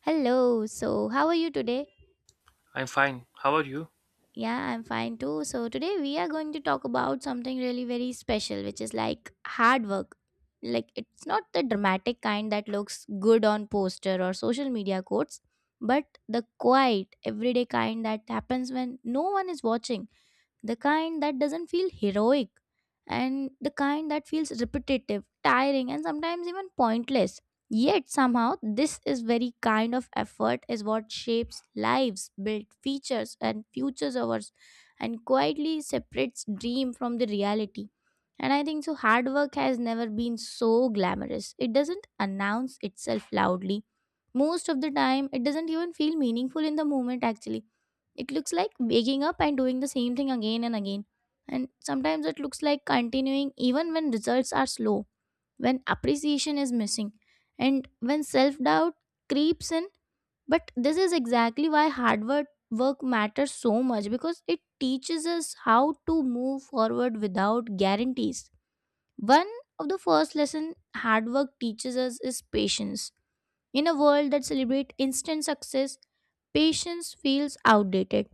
Hello, so how are you today? I'm fine. How are you? Yeah, I'm fine too. So today we are going to talk about something really very special, which is like hard work. Like it's not the dramatic kind that looks good on poster or social media quotes, but the quiet, everyday kind that happens when no one is watching, the kind that doesn't feel heroic, and the kind that feels repetitive, tiring, and sometimes even pointless. Yet somehow, this is very kind of effort is what shapes lives, builds features and futures ours, and quietly separates dream from the reality. And I think so hard work has never been so glamorous. It doesn't announce itself loudly. Most of the time, it doesn't even feel meaningful in the moment actually. It looks like waking up and doing the same thing again and again. And sometimes it looks like continuing even when results are slow, when appreciation is missing and when self doubt creeps in, but this is exactly why hard work matters so much, because it teaches us how to move forward without guarantees. One of the first lesson hard work teaches us is patience. In a world that celebrates instant success, patience feels outdated.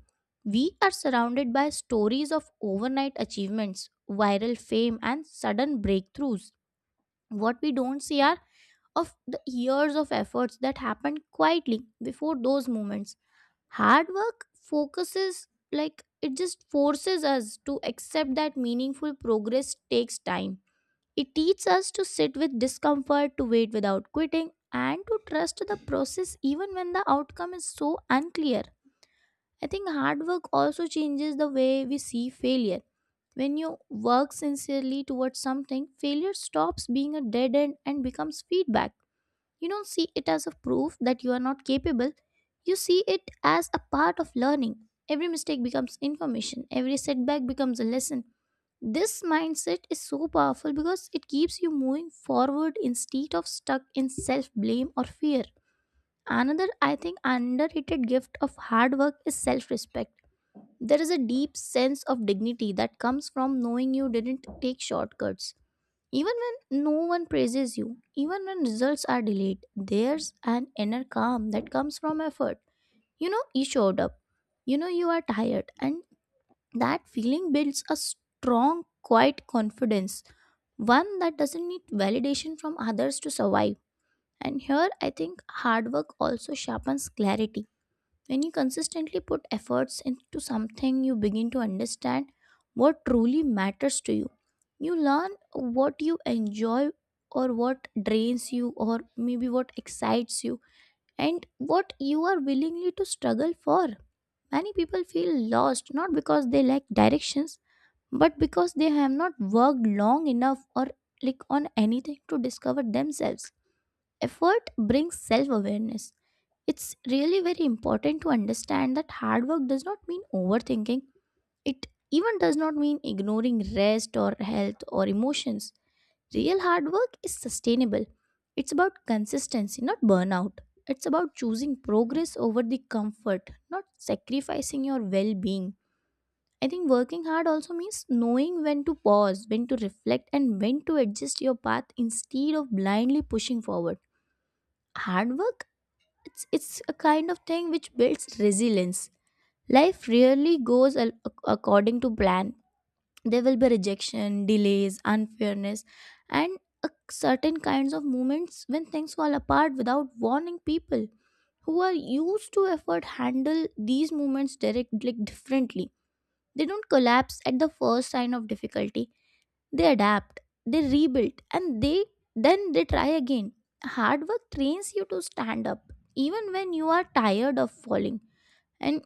We are surrounded by stories of overnight achievements, viral fame and sudden breakthroughs. What we don't see are of the years of efforts that happened quietly before those moments. Hard work focuses, like, it just forces us to accept that meaningful progress takes time. It teaches us to sit with discomfort, to wait without quitting, and to trust the process even when the outcome is so unclear. I think hard work also changes the way we see failure. When you work sincerely towards something, failure stops being a dead end and becomes feedback. You don't see it as a proof that you are not capable. You see it as a part of learning. Every mistake becomes information, every setback becomes a lesson. This mindset is so powerful because it keeps you moving forward instead of stuck in self blame or fear. Another, I think, underrated gift of hard work is self respect. There is a deep sense of dignity that comes from knowing you didn't take shortcuts, even when no one praises you, even when results are delayed, there's an inner calm that comes from effort. You know, you showed up. You know, you are tired. And that feeling builds a strong, quiet confidence, one that doesn't need validation from others to survive. And here, I think hard work also sharpens clarity. When you consistently put efforts into something, you begin to understand what truly matters to you. You learn what you enjoy or what drains you, or maybe what excites you, and what you are willingly to struggle for. Many people feel lost not because they lack directions, but because they have not worked long enough or like on anything to discover themselves. Effort brings self awareness. It's really very important to understand that hard work does not mean overthinking. It even does not mean ignoring rest or health or emotions. Real hard work is sustainable. It's about consistency, not burnout. It's about choosing progress over the comfort, not sacrificing your well being. I think working hard also means knowing when to pause, when to reflect, and when to adjust your path instead of blindly pushing forward. Hard work, it's a kind of thing which builds resilience. Life rarely goes according to plan. There will be rejection, delays, unfairness, and a certain kinds of moments when things fall apart without warning. People who are used to effort handle these moments directly differently. They don't collapse at the first sign of difficulty. They adapt, they rebuild, and they then they try again. Hard work trains you to stand up even when you are tired of falling. And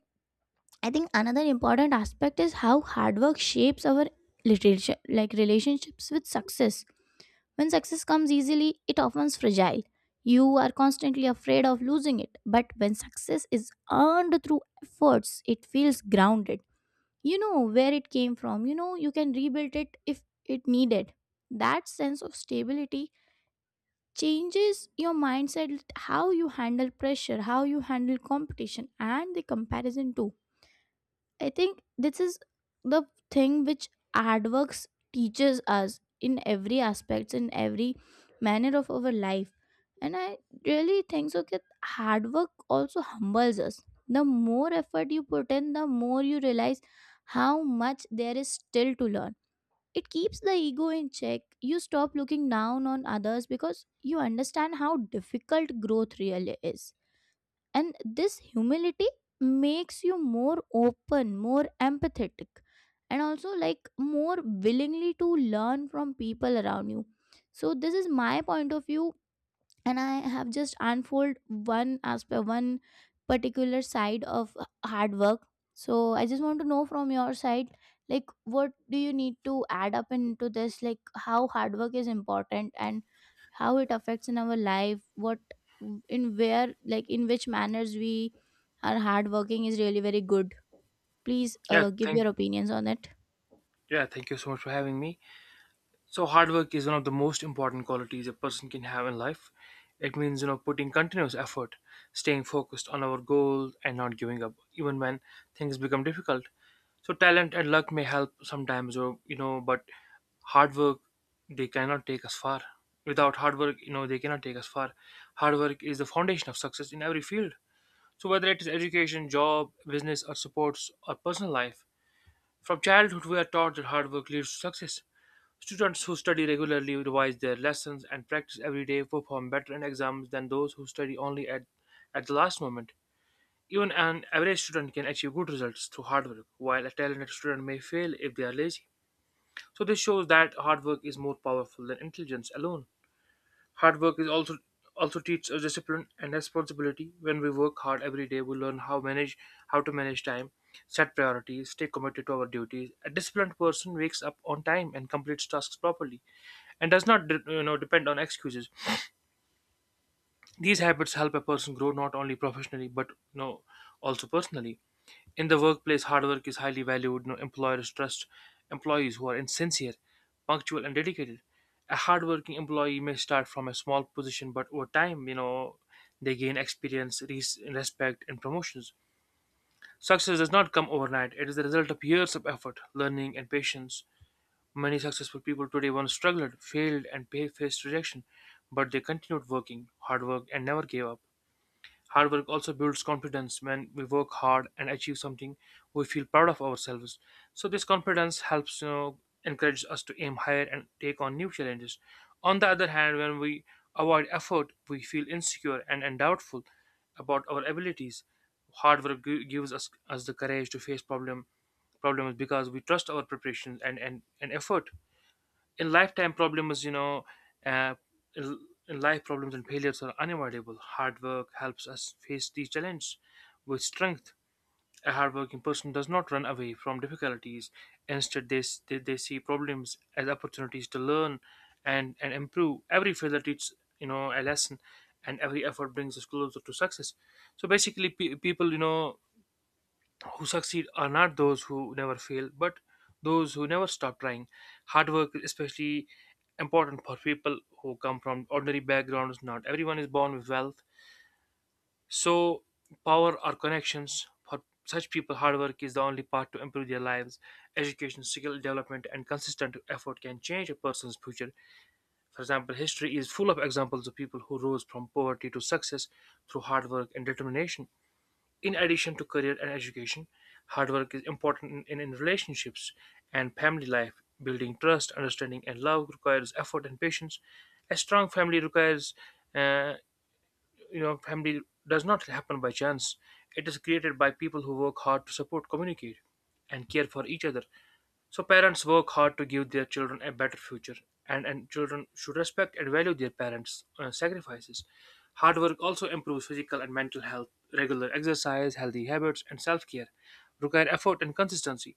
I think another important aspect is how hard work shapes our literature, like, relationships with success. When success comes easily, it often is fragile. You are constantly afraid of losing it, but when success is earned through efforts, it feels grounded. You know where it came from, you know you can rebuild it if it needed. That sense of stability changes your mindset, how you handle pressure, how you handle competition and the comparison too. I think this is the thing which AdWorks teaches us in every aspects, in every manner of our life. And I really think so that hard work also humbles us. The more effort you put in, the more you realize how much there is still to learn. It keeps the ego in check. You stop looking down on others because you understand how difficult growth really is, and this humility makes you more open, more empathetic, and also like more willingly to learn from people around you. So this is my point of view, and I have just unfold one aspect, one particular side of hard work. So I just want to know from your side, like, what do you need to add up into this, like, how hard work is important and how it affects in our life, what, in where, like in which manners we are hard working is really very good. Please Yeah, give thank your opinions on it. yeah, thank you so much for having me. So hard work is one of the most important qualities a person can have in life. It means, you know, putting continuous effort, staying focused on our goal and not giving up even when things become difficult. So talent and luck may help sometimes or you know, but hard work they cannot take us far. Without hard work, you know, they cannot take us far. Hard work is the foundation of success in every field. So whether it is education, job, business, or sports or personal life, from childhood, we are taught that hard work leads to success. Students who study regularly revise their lessons and practice every day perform better in exams than those who study only at the last moment. Even an average student can achieve good results through hard work, while a talented student may fail if they are lazy. So this shows that hard work is more powerful than intelligence alone. Hard work is also also teaches us discipline and responsibility. When we work hard every day, we learn how to manage time, set priorities, stay committed to our duties. A disciplined person wakes up on time and completes tasks properly, and does not you know depend on excuses. These habits help a person grow not only professionally but you know also personally. In the workplace, hard work is highly valued. No employers trust employees who are insincere, punctual, and dedicated. A hardworking employee may start from a small position, but over time, you know, they gain experience, respect, and promotions. Success does not come overnight. It is the result of years of effort, learning, and patience. Many successful people today once struggled, failed, and faced rejection, but they continued working, hard work, and never gave up. Hard work also builds confidence. When we work hard and achieve something, we feel proud of ourselves. So this confidence helps, you know, encourage us to aim higher and take on new challenges. On the other hand, when we avoid effort, we feel insecure and doubtful about our abilities. Hard work gives us the courage to face problems because we trust our preparations and effort in lifetime problems uh, in in life, problems and failures are unavoidable. Hard work helps us face these challenges with strength. A hardworking person does not run away from difficulties. Instead, they see problems as opportunities to learn and improve. Every failure teaches, you know, a lesson, and every effort brings us closer to success. So basically, people, you know, who succeed are not those who never fail, but those who never stop trying. Hard work is especially important for people who come from ordinary backgrounds. Not everyone is born with wealth, so power or connections. For such people, hard work is the only path to improve their lives. Education, skill development, and consistent effort can change a person's future. For example, history is full of examples of people who rose from poverty to success through hard work and determination. In addition to career and education, hard work is important in relationships and family life. Building trust, understanding, and love requires effort and patience. A strong family requires, uh, you know, family does not happen by chance. It is created by people who work hard to support, communicate, and care for each other. So parents work hard to give their children a better future, and children should respect and value their parents' sacrifices. Hard work also improves physical and mental health. Regular exercise, healthy habits, and self-care require effort and consistency.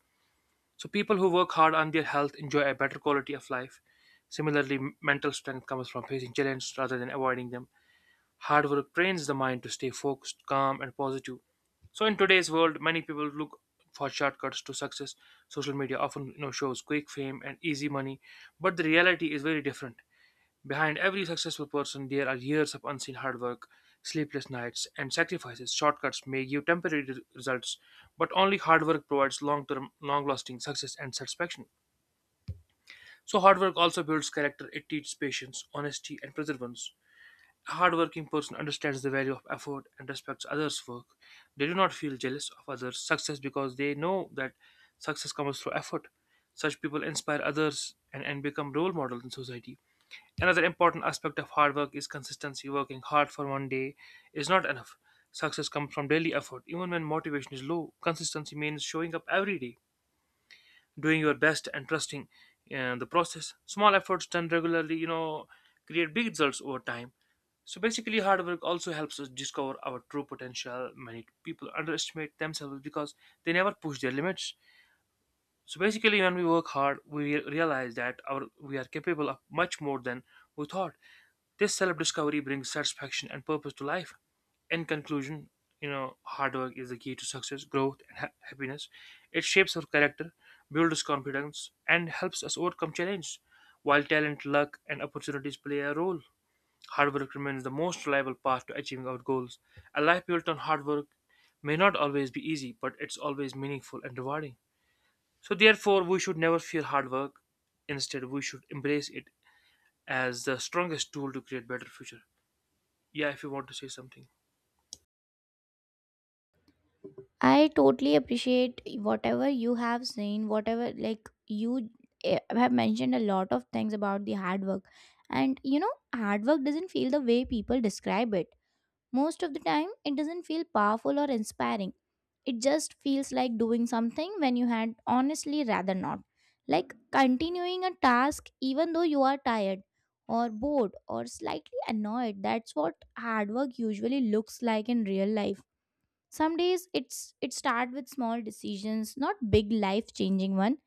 So people who work hard on their health enjoy a better quality of life. Similarly, mental strength comes from facing challenges rather than avoiding them. Hard work trains the mind to stay focused, calm, and positive. So in today's world, many people look for shortcuts to success. Social media often, you know, shows quick fame and easy money, but the reality is very different. Behind every successful person, there are years of unseen hard work, sleepless nights, and sacrifices. Shortcuts may give temporary results, but only hard work provides long-term, long-lasting success and satisfaction. So hard work also builds character. It teaches patience, honesty, and perseverance. A hardworking person understands the value of effort and respects others' work. They do not feel jealous of others' success because they know that success comes through effort. Such people inspire others and become role models in society. Another important aspect of hard work is consistency. Working hard for one day is not enough. Success comes from daily effort. Even when motivation is low, consistency means showing up every day, doing your best and trusting the process. Small efforts done regularly, you know, create big results over time. So basically, hard work also helps us discover our true potential. Many people underestimate themselves because they never push their limits. So basically, when we work hard, we realize that our we are capable of much more than we thought. This self-discovery brings satisfaction and purpose to life. In conclusion, you know, hard work is the key to success, growth, and happiness. It shapes our character, builds confidence, and helps us overcome challenges. While talent, luck, and opportunities play a role, hard work remains the most reliable path to achieving our goals. A life built on hard work may not always be easy, but it's always meaningful and rewarding. So therefore, we should never fear hard work. Instead, we should embrace it as the strongest tool to create better future. Yeah, if you want to say something. I totally appreciate whatever you have seen, whatever like you have mentioned a lot of things about the hard work. And you know, hard work doesn't feel the way people describe it. Most of the time, it doesn't feel powerful or inspiring. It just feels like doing something when you had honestly rather not. Like continuing a task even though you are tired or bored or slightly annoyed. That's what hard work usually looks like in real life. Some days it start with small decisions, not big life changing one.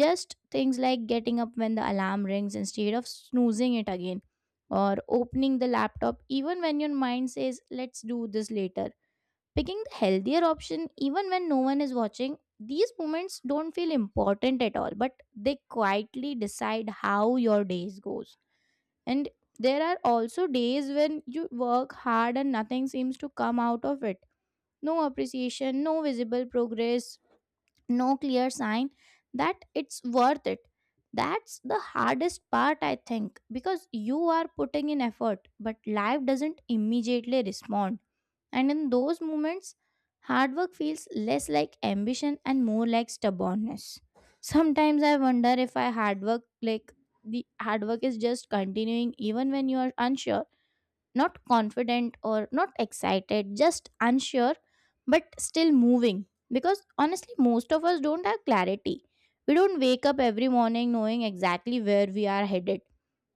Just things like getting up when the alarm rings instead of snoozing it again, or opening the laptop even when your mind says let's do this later, picking the healthier option even when no one is watching. These moments don't feel important at all, but they quietly decide how your days goes. And there are also days when you work hard and nothing seems to come out of it. No appreciation, no visible progress, no clear sign that it's worth it. That's the hardest part, I think, because you are putting in effort, but life doesn't immediately respond. And in those moments, hard work feels less like ambition and more like stubbornness. Sometimes I wonder if I hard work like the hard work is just continuing even when you are unsure, not confident or not excited, just unsure, but still moving. Because honestly, most of us don't have clarity. We don't wake up every morning knowing exactly where we are headed.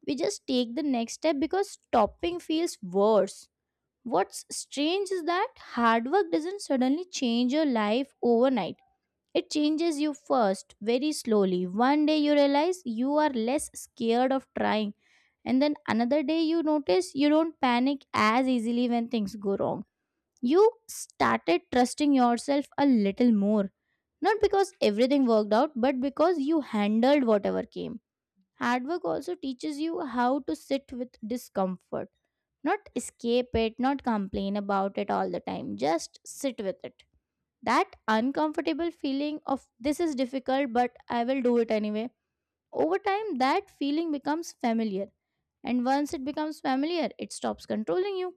We just take the next step because stopping feels worse. What's strange is that hard work doesn't suddenly change your life overnight. It changes you first, very slowly. One day you realize you are less scared of trying, and then another day you notice you don't panic as easily when things go wrong. You started trusting yourself a little more, not because everything worked out, but because you handled whatever came. Hard work also teaches you how to sit with discomfort, not escape it, not complain about it all the time, just sit with it. That uncomfortable feeling of this is difficult, but I will do it anyway. Over time that feeling becomes familiar, and once it becomes familiar, it stops controlling you.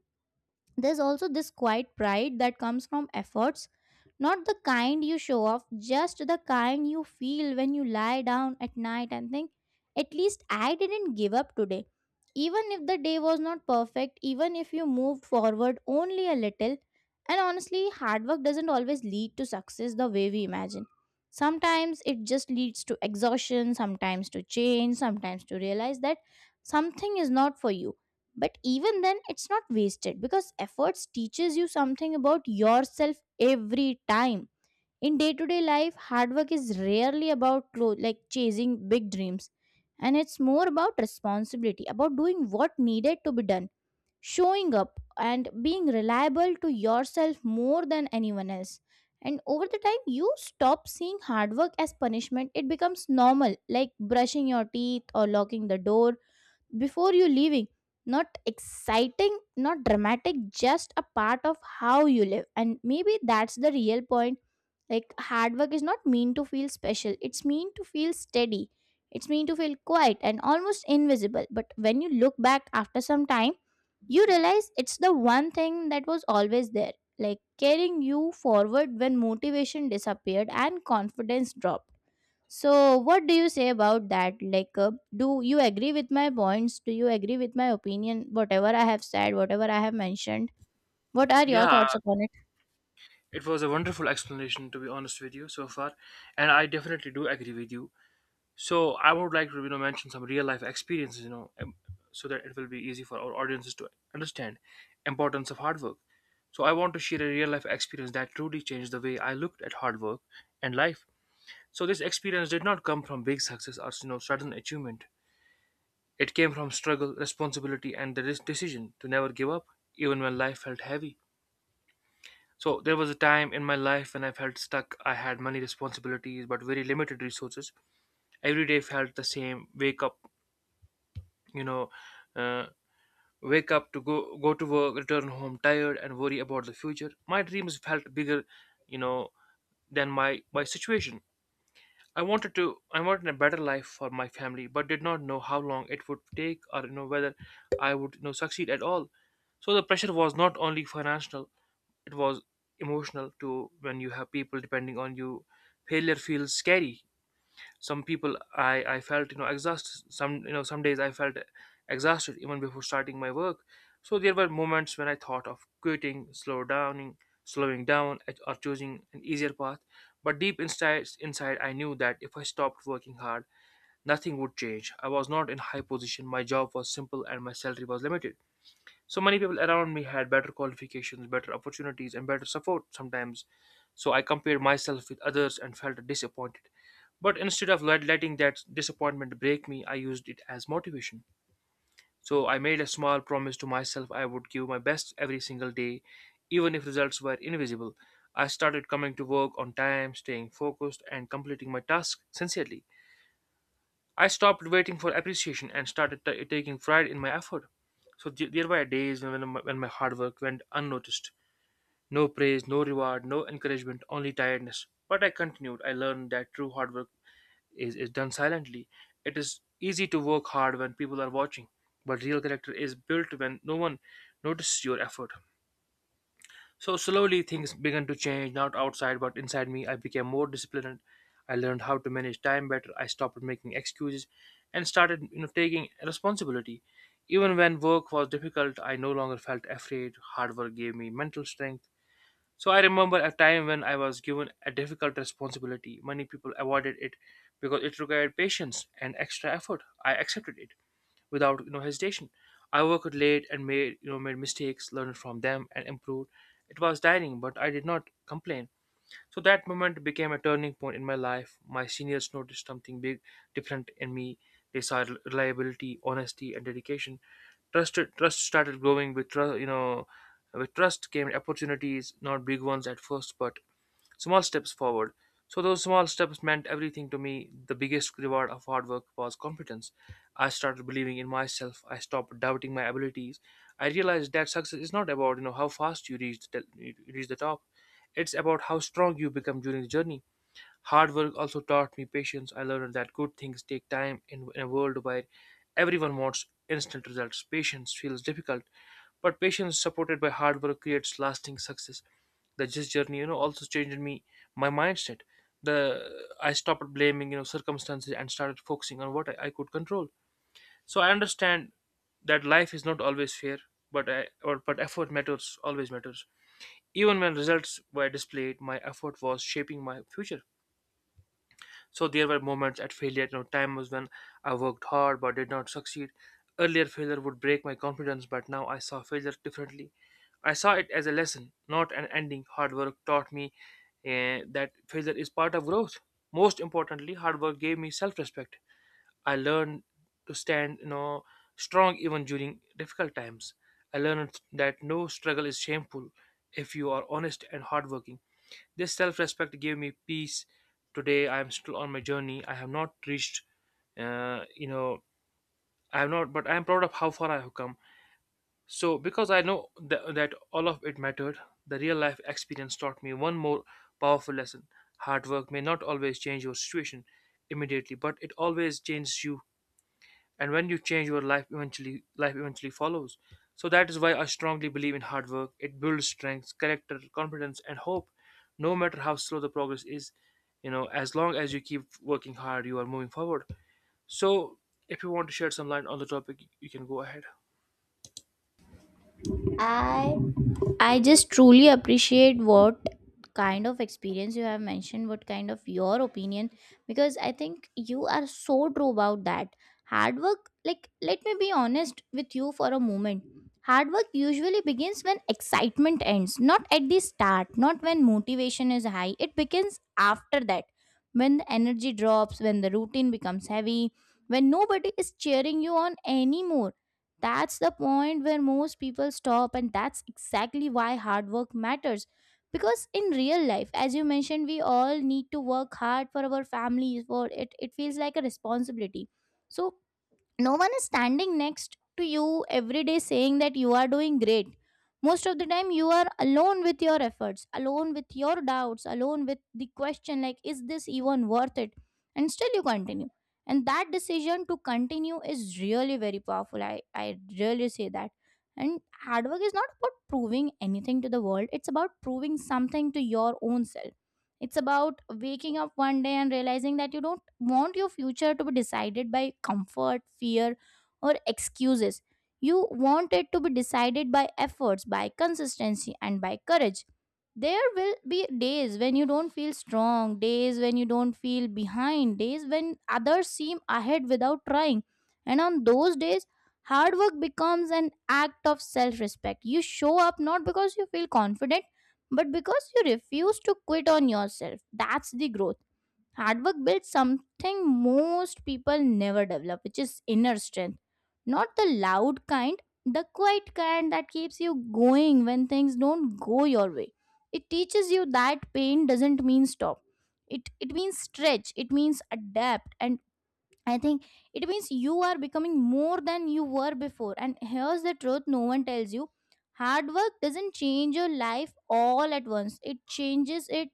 There's also this quiet pride that comes from efforts, not the kind you show off, just the kind you feel when you lie down at night and think, at least I didn't give up today. Even if the day was not perfect, even if you moved forward only a little. And honestly, hard work doesn't always lead to success the way we imagine. Sometimes it just leads to exhaustion, sometimes to change, sometimes to realize that something is not for you. But even then it's not wasted, because efforts teaches you something about yourself every time. In day-to-day life, hard work is rarely about like chasing big dreams, and it's more about responsibility, about doing what needed to be done, showing up and being reliable to yourself more than anyone else. And over the time you stop seeing hard work as punishment. It becomes normal, like brushing your teeth or locking the door before you leaving. Not exciting, not dramatic, just a part of how you live. And maybe that's the real point. Like hard work is not mean to feel special, it's mean to feel steady, it's mean to feel quiet and almost invisible. But when you look back after some time, you realize it's the one thing that was always there, like carrying you forward when motivation disappeared and confidence dropped. So, what do you say about that? Like, do you agree with my points? Do you agree with my opinion? Whatever I have said, whatever I have mentioned, what are your Yeah, thoughts upon it? it was a wonderful explanation, to be honest with you so far, and I definitely do agree with you. So I would like to, you know, mention some real life experiences, you know, so that it will be easy for our audiences to understand importance of hard work. So I want to share a real life experience that truly changed the way I looked at hard work and life. So this experience did not come from big success or, you know, sudden achievement. It came from struggle, responsibility, and the decision to never give up, even when life felt heavy. So there was a time in my life when I felt stuck. I had many responsibilities but very limited resources. Every day felt the same. Wake up, you know, uh, wake up to go to work, return home tired, and worry about the future. My dreams felt bigger, you know, than my situation. I wanted a better life for my family, but did not know how long it would take or, you know, whether I would, you know, succeed at all. So the pressure was not only financial, it was emotional too. When you have people depending on you, failure feels scary. Some people, I felt, you know, exhausted. Some, you know, some days I felt exhausted even before starting my work. So there were moments when I thought of quitting, slowing down or choosing an easier path, but deep inside I knew that if I stopped working hard, nothing would change. I was not in high position. My job was simple and my salary was limited. So many people around me had better qualifications, better opportunities, and better support sometimes. So I compared myself with others and felt disappointed. But instead of letting that disappointment break me, I used it as motivation. So I made a small promise to myself. I would give my best every single day, even if results were invisible. I started coming to work on time, staying focused, and completing my task sincerely. I stopped waiting for appreciation and started taking pride in my effort. So there were days when when my hard work went unnoticed. No praise, no reward, no encouragement, only tiredness. But I continued. I learned that true hard work is done silently. It is easy to work hard when people are watching, but real character is built when no one notices your effort. So slowly things began to change, not outside but inside me. I became more disciplined. I learned how to manage time better. I stopped making excuses and started, you know, taking responsibility. Even when work was difficult, I no longer felt afraid. Hard work gave me mental strength. So I remember a time when I was given a difficult responsibility. Many people avoided it because it required patience and extra effort. I accepted it without, you know, hesitation. I worked late and made, you know, made mistakes, learned from them, and improved. It was tiring, but I did not complain. So that moment became a turning point in my life. My seniors noticed something big, different in me. They saw reliability, honesty, and dedication. Trust started growing with with trust came opportunities, not big ones at first, but small steps forward. So those small steps meant everything to me. The biggest reward of hard work was confidence. I started believing in myself. I stopped doubting my abilities. I realized that success is not about how fast you reach the top. It's about how strong you become during the journey. Hard work also taught me patience. I learned that good things take time in a world where everyone wants instant results. Patience feels difficult, but patience supported by hard work creates lasting success. The this journey, also changed me, my mindset. The I stopped blaming, circumstances and started focusing on what I could control. So I understand that life is not always fair, but I, or but effort matters always matters. Even when results were displayed, my effort was shaping my future. So there were moments at failure, times when I worked hard but did not succeed. Earlier failure would break my confidence, but now I saw failure differently. I saw it as a lesson, not an ending. Hard work taught me that failure is part of growth. Most importantly, hard work gave me self-respect. I learned to stand, strong even during difficult times. I learned that no struggle is shameful if you are honest and hardworking. This self respect gave me peace. Today, I am still on my journey. I have not reached, you know, I have not, but I am proud of how far I have come. So, because I know that all of it mattered, the real life experience taught me one more powerful lesson. Hard work may not always change your situation immediately, but it always changes you. And when you change your life eventually follows. So that is why I strongly believe in hard work. It builds strength, character, confidence, and hope. No matter how slow the progress is, as long as you keep working hard, you are moving forward. So if you want to shed some light on the topic, you can go ahead. I I just truly appreciate what kind of experience you have mentioned, what kind of your opinion, because I think you are so true about that. Hard work, like, let me be honest with you for a moment. Hard work usually begins when excitement ends, not at the start, not when motivation is high. It begins after that, when the energy drops, when the routine becomes heavy, when nobody is cheering you on anymore. That's the point where most people stop, and that's exactly why hard work matters, because in real life, as you mentioned, we all need to work hard for our families. For it, feels like a responsibility. So no one is standing next to you every day saying that you are doing great. Most of the time you are alone with your efforts, alone with your doubts, alone with the question like, is this even worth it? And still you continue, and that decision to continue is really very powerful. I really say that. And hard work is not about proving anything to the world. It's about proving something to your own self. It's about waking up one day and realizing that you don't want your future to be decided by comfort, fear, or excuses. You want it to be decided by efforts, by consistency, and by courage. There will be days when you don't feel strong, days when you don't feel behind, days when others seem ahead without trying. And on those days, hard work becomes an act of self respect. You show up not because you feel confident but because you refuse to quit on yourself. That's the growth. Hard work builds something most people never develop, which is inner strength. Not the loud kind, the quiet kind that keeps you going when things don't go your way. It teaches you that pain doesn't mean stop. It means stretch, it means adapt, and I think it means you are becoming more than you were before. And here's the truth no one tells you: hard work doesn't change your life all at once, it changes it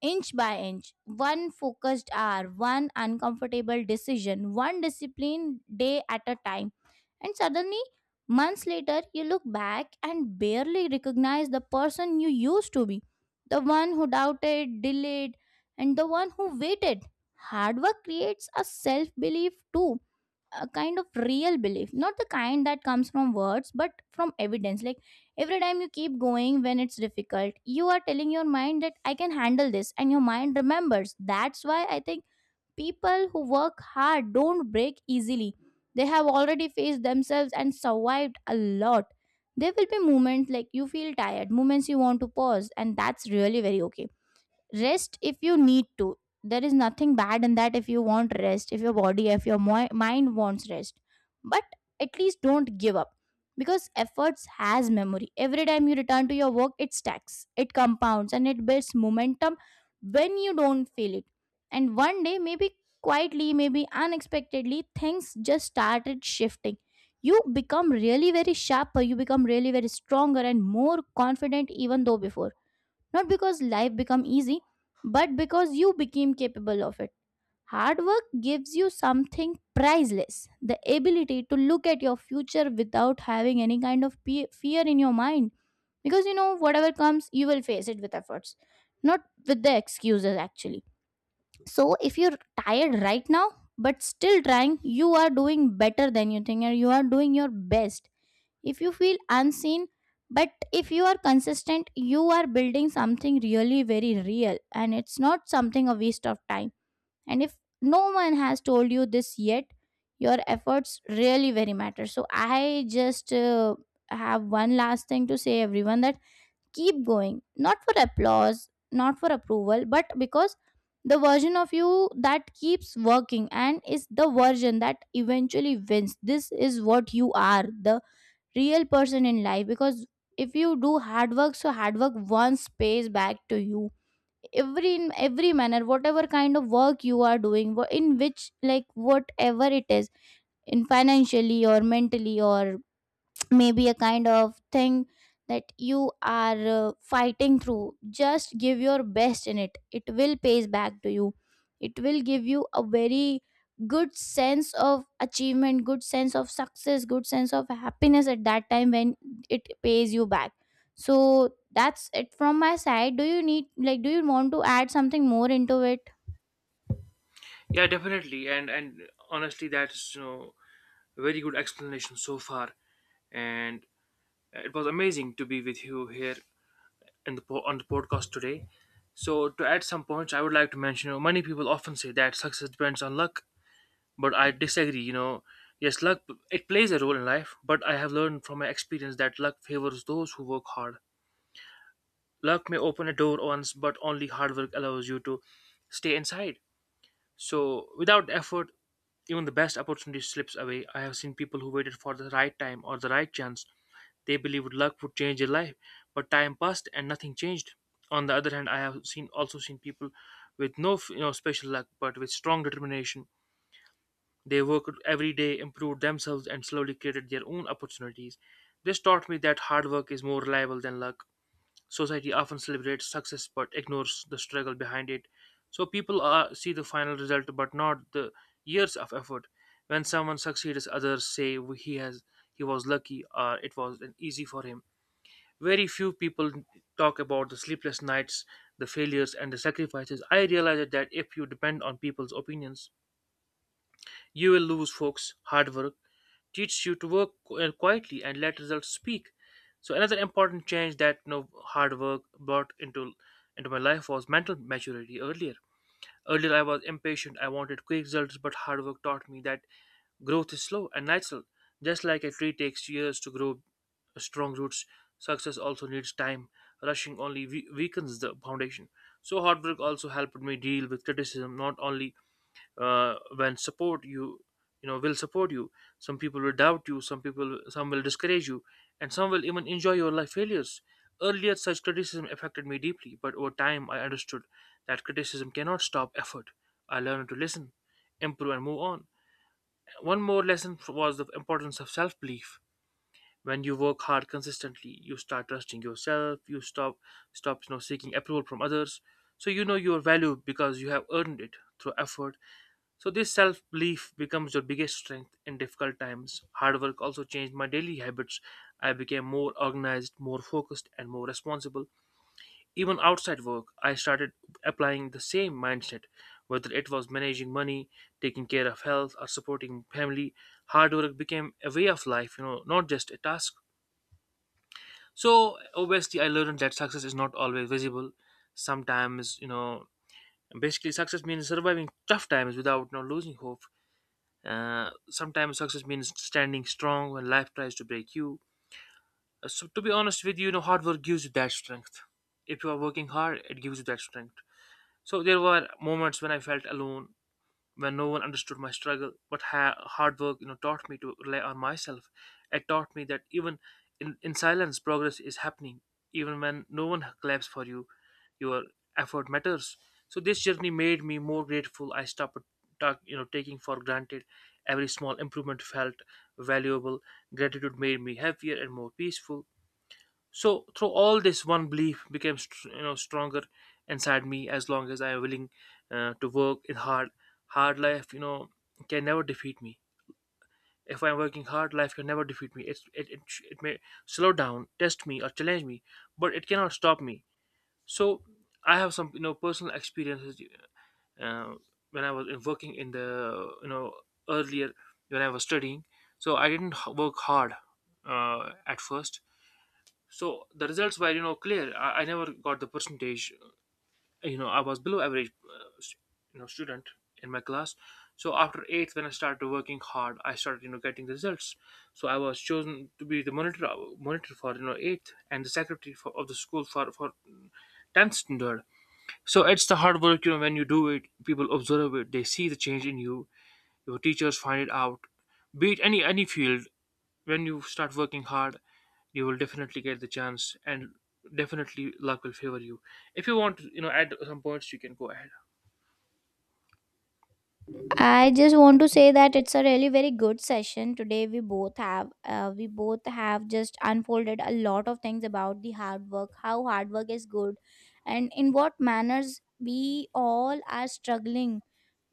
inch by inch. One focused hour, one uncomfortable decision, one disciplined day at a time. And suddenly, months later, you look back and barely recognize the person you used to be, the one who doubted, delayed, and the one who waited. Hard work creates a self belief too, a kind of real belief, not the kind that comes from words but from evidence. Like every time you keep going when it's difficult, you are telling your mind that I can handle this, and your mind remembers. That's why I think people who work hard don't break easily. They have already faced themselves and survived a lot. There will be moments like you feel tired, moments you want to pause, and that's really very okay. Rest if you need to. There is nothing bad in that, if you want rest, if your body, if your mind wants rest. But at least don't give up, because efforts has memory. Every time you return to your work it stacks, it compounds, and it builds momentum when you don't feel it. And one day, maybe quietly, maybe unexpectedly, things just started shifting. You become really very sharper, you become really very stronger and more confident even though before, not because life become easy, but because you became capable of it. Hard work gives you something priceless, the ability to look at your future without having any kind of fear in your mind. Because you know, whatever comes, you will face it with efforts, not with the excuses actually. So if you're tired right now, but still trying, you are doing better than you think, and you are doing your best. If you feel unseen, but if you are consistent, you are building something really very real, and it's not something a waste of time. And if no one has told you this yet, your efforts really very matter. So I just have one last thing to say everyone: that keep going, not for applause, not for approval, but because the version of you that keeps working and is the version that eventually wins. This is what you are, the real person in life, because if you do hard work, so hard work once pays back to you every, in every manner. Whatever kind of work you are doing, in which, like whatever it is, in financially or mentally, or maybe a kind of thing that you are fighting through, just give your best in it. It will pays back to you. It will give you a very good sense of achievement, good sense of success, good sense of happiness at that time when it pays you back. So that's it from my side. Do you need, like, do you want to add something more into it? Yeah, definitely, and honestly, that's a very good explanation so far. And it was amazing to be with you here on the podcast today. So to add some points, I would like to mention. You know, many people often say that success depends on luck, but I disagree. You know, yes, luck, it plays a role in life, but I have learned from my experience that luck favors those who work hard. Luck may open a door once, but only hard work allows you to stay inside. So without effort, even the best opportunity slips away. I have seen people who waited for the right time or the right chance. They believed luck would change their life, but time passed and nothing changed. On the other hand, I have seen also seen people with no special luck, but with strong determination. They worked every day, improved themselves, and slowly created their own opportunities. This taught me that hard work is more reliable than luck. Society often celebrates success but ignores the struggle behind it. So people see the final result but not the years of effort. When someone succeeds, others say he was lucky or it was an easy for him. Very few people talk about the sleepless nights, the failures, and the sacrifices. I realized that if you depend on people's opinions, you will lose folks. Hard work teaches you to work quietly and let results speak. So another important change that, hard work brought into my life was mental maturity. Earlier, I was impatient. I wanted quick results, but hard work taught me that growth is slow and natural. Just like a tree takes years to grow strong roots, success also needs time. Rushing only weakens the foundation. So, hard work also helped me deal with criticism. Not only when support you, you know will support you, some people will doubt you, some will discourage you, and some will even enjoy your life failures. Earlier such criticism affected me deeply, but over time I understood that criticism cannot stop effort. I learned to listen, improve, and move on. One more lesson was the importance of self belief. When you work hard consistently, you start trusting yourself. You stop seeking approval from others. So you know your value because you have earned it through effort. So this self-belief becomes your biggest strength in difficult times. Hard work also changed my daily habits. I became more organized, more focused, and more responsible. Even outside work, I started applying the same mindset. Whether it was managing money, taking care of health, or supporting family, hard work became a way of life, not just a task. So obviously I learned that success is not always visible. Sometimes, basically success means surviving tough times without, losing hope. Sometimes success means standing strong when life tries to break you. So, to be honest with you, hard work gives you that strength. If you are working hard, it gives you that strength. So, there were moments when I felt alone, when no one understood my struggle. But hard work, taught me to rely on myself. It taught me that even in silence, progress is happening. Even when no one claps for you, your effort matters. So this journey made me more grateful. I stopped, taking for granted. Every small improvement felt valuable. Gratitude made me happier and more peaceful. So through all this, one belief became stronger inside me. As long as I am willing to work in hard, hard life, can never defeat me. If I'm working hard, life can never defeat me. It it may slow down, test me, or challenge me, but it cannot stop me. So I have some, personal experiences, uh, when I was working in the, earlier, when I was studying. So I didn't work hard at first, so the results were, clear. I never got the percentage. You know, I was below average, student in my class. So after eighth, when I started working hard, I started, getting the results. So I was chosen to be the monitor, monitor for, eighth, and the secretary of the school for tenth standard. So it's the hard work, when you do it, people observe it, they see the change in you. Your teachers find it out. Be it any field, when you start working hard, you will definitely get the chance, and definitely luck will favor you. If you want to, add some points, you can go ahead. I just want to say that it's a really very good session today. We both have just unfolded a lot of things about the hard work, how hard work is good, and in what manners we all are struggling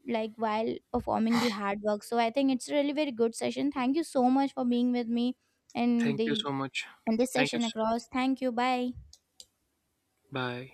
like while performing the hard work. So I think it's a really very good session. Thank you so much for being with me in Thank you the so much. in this thank you session s- across. Thank you. Bye. Bye.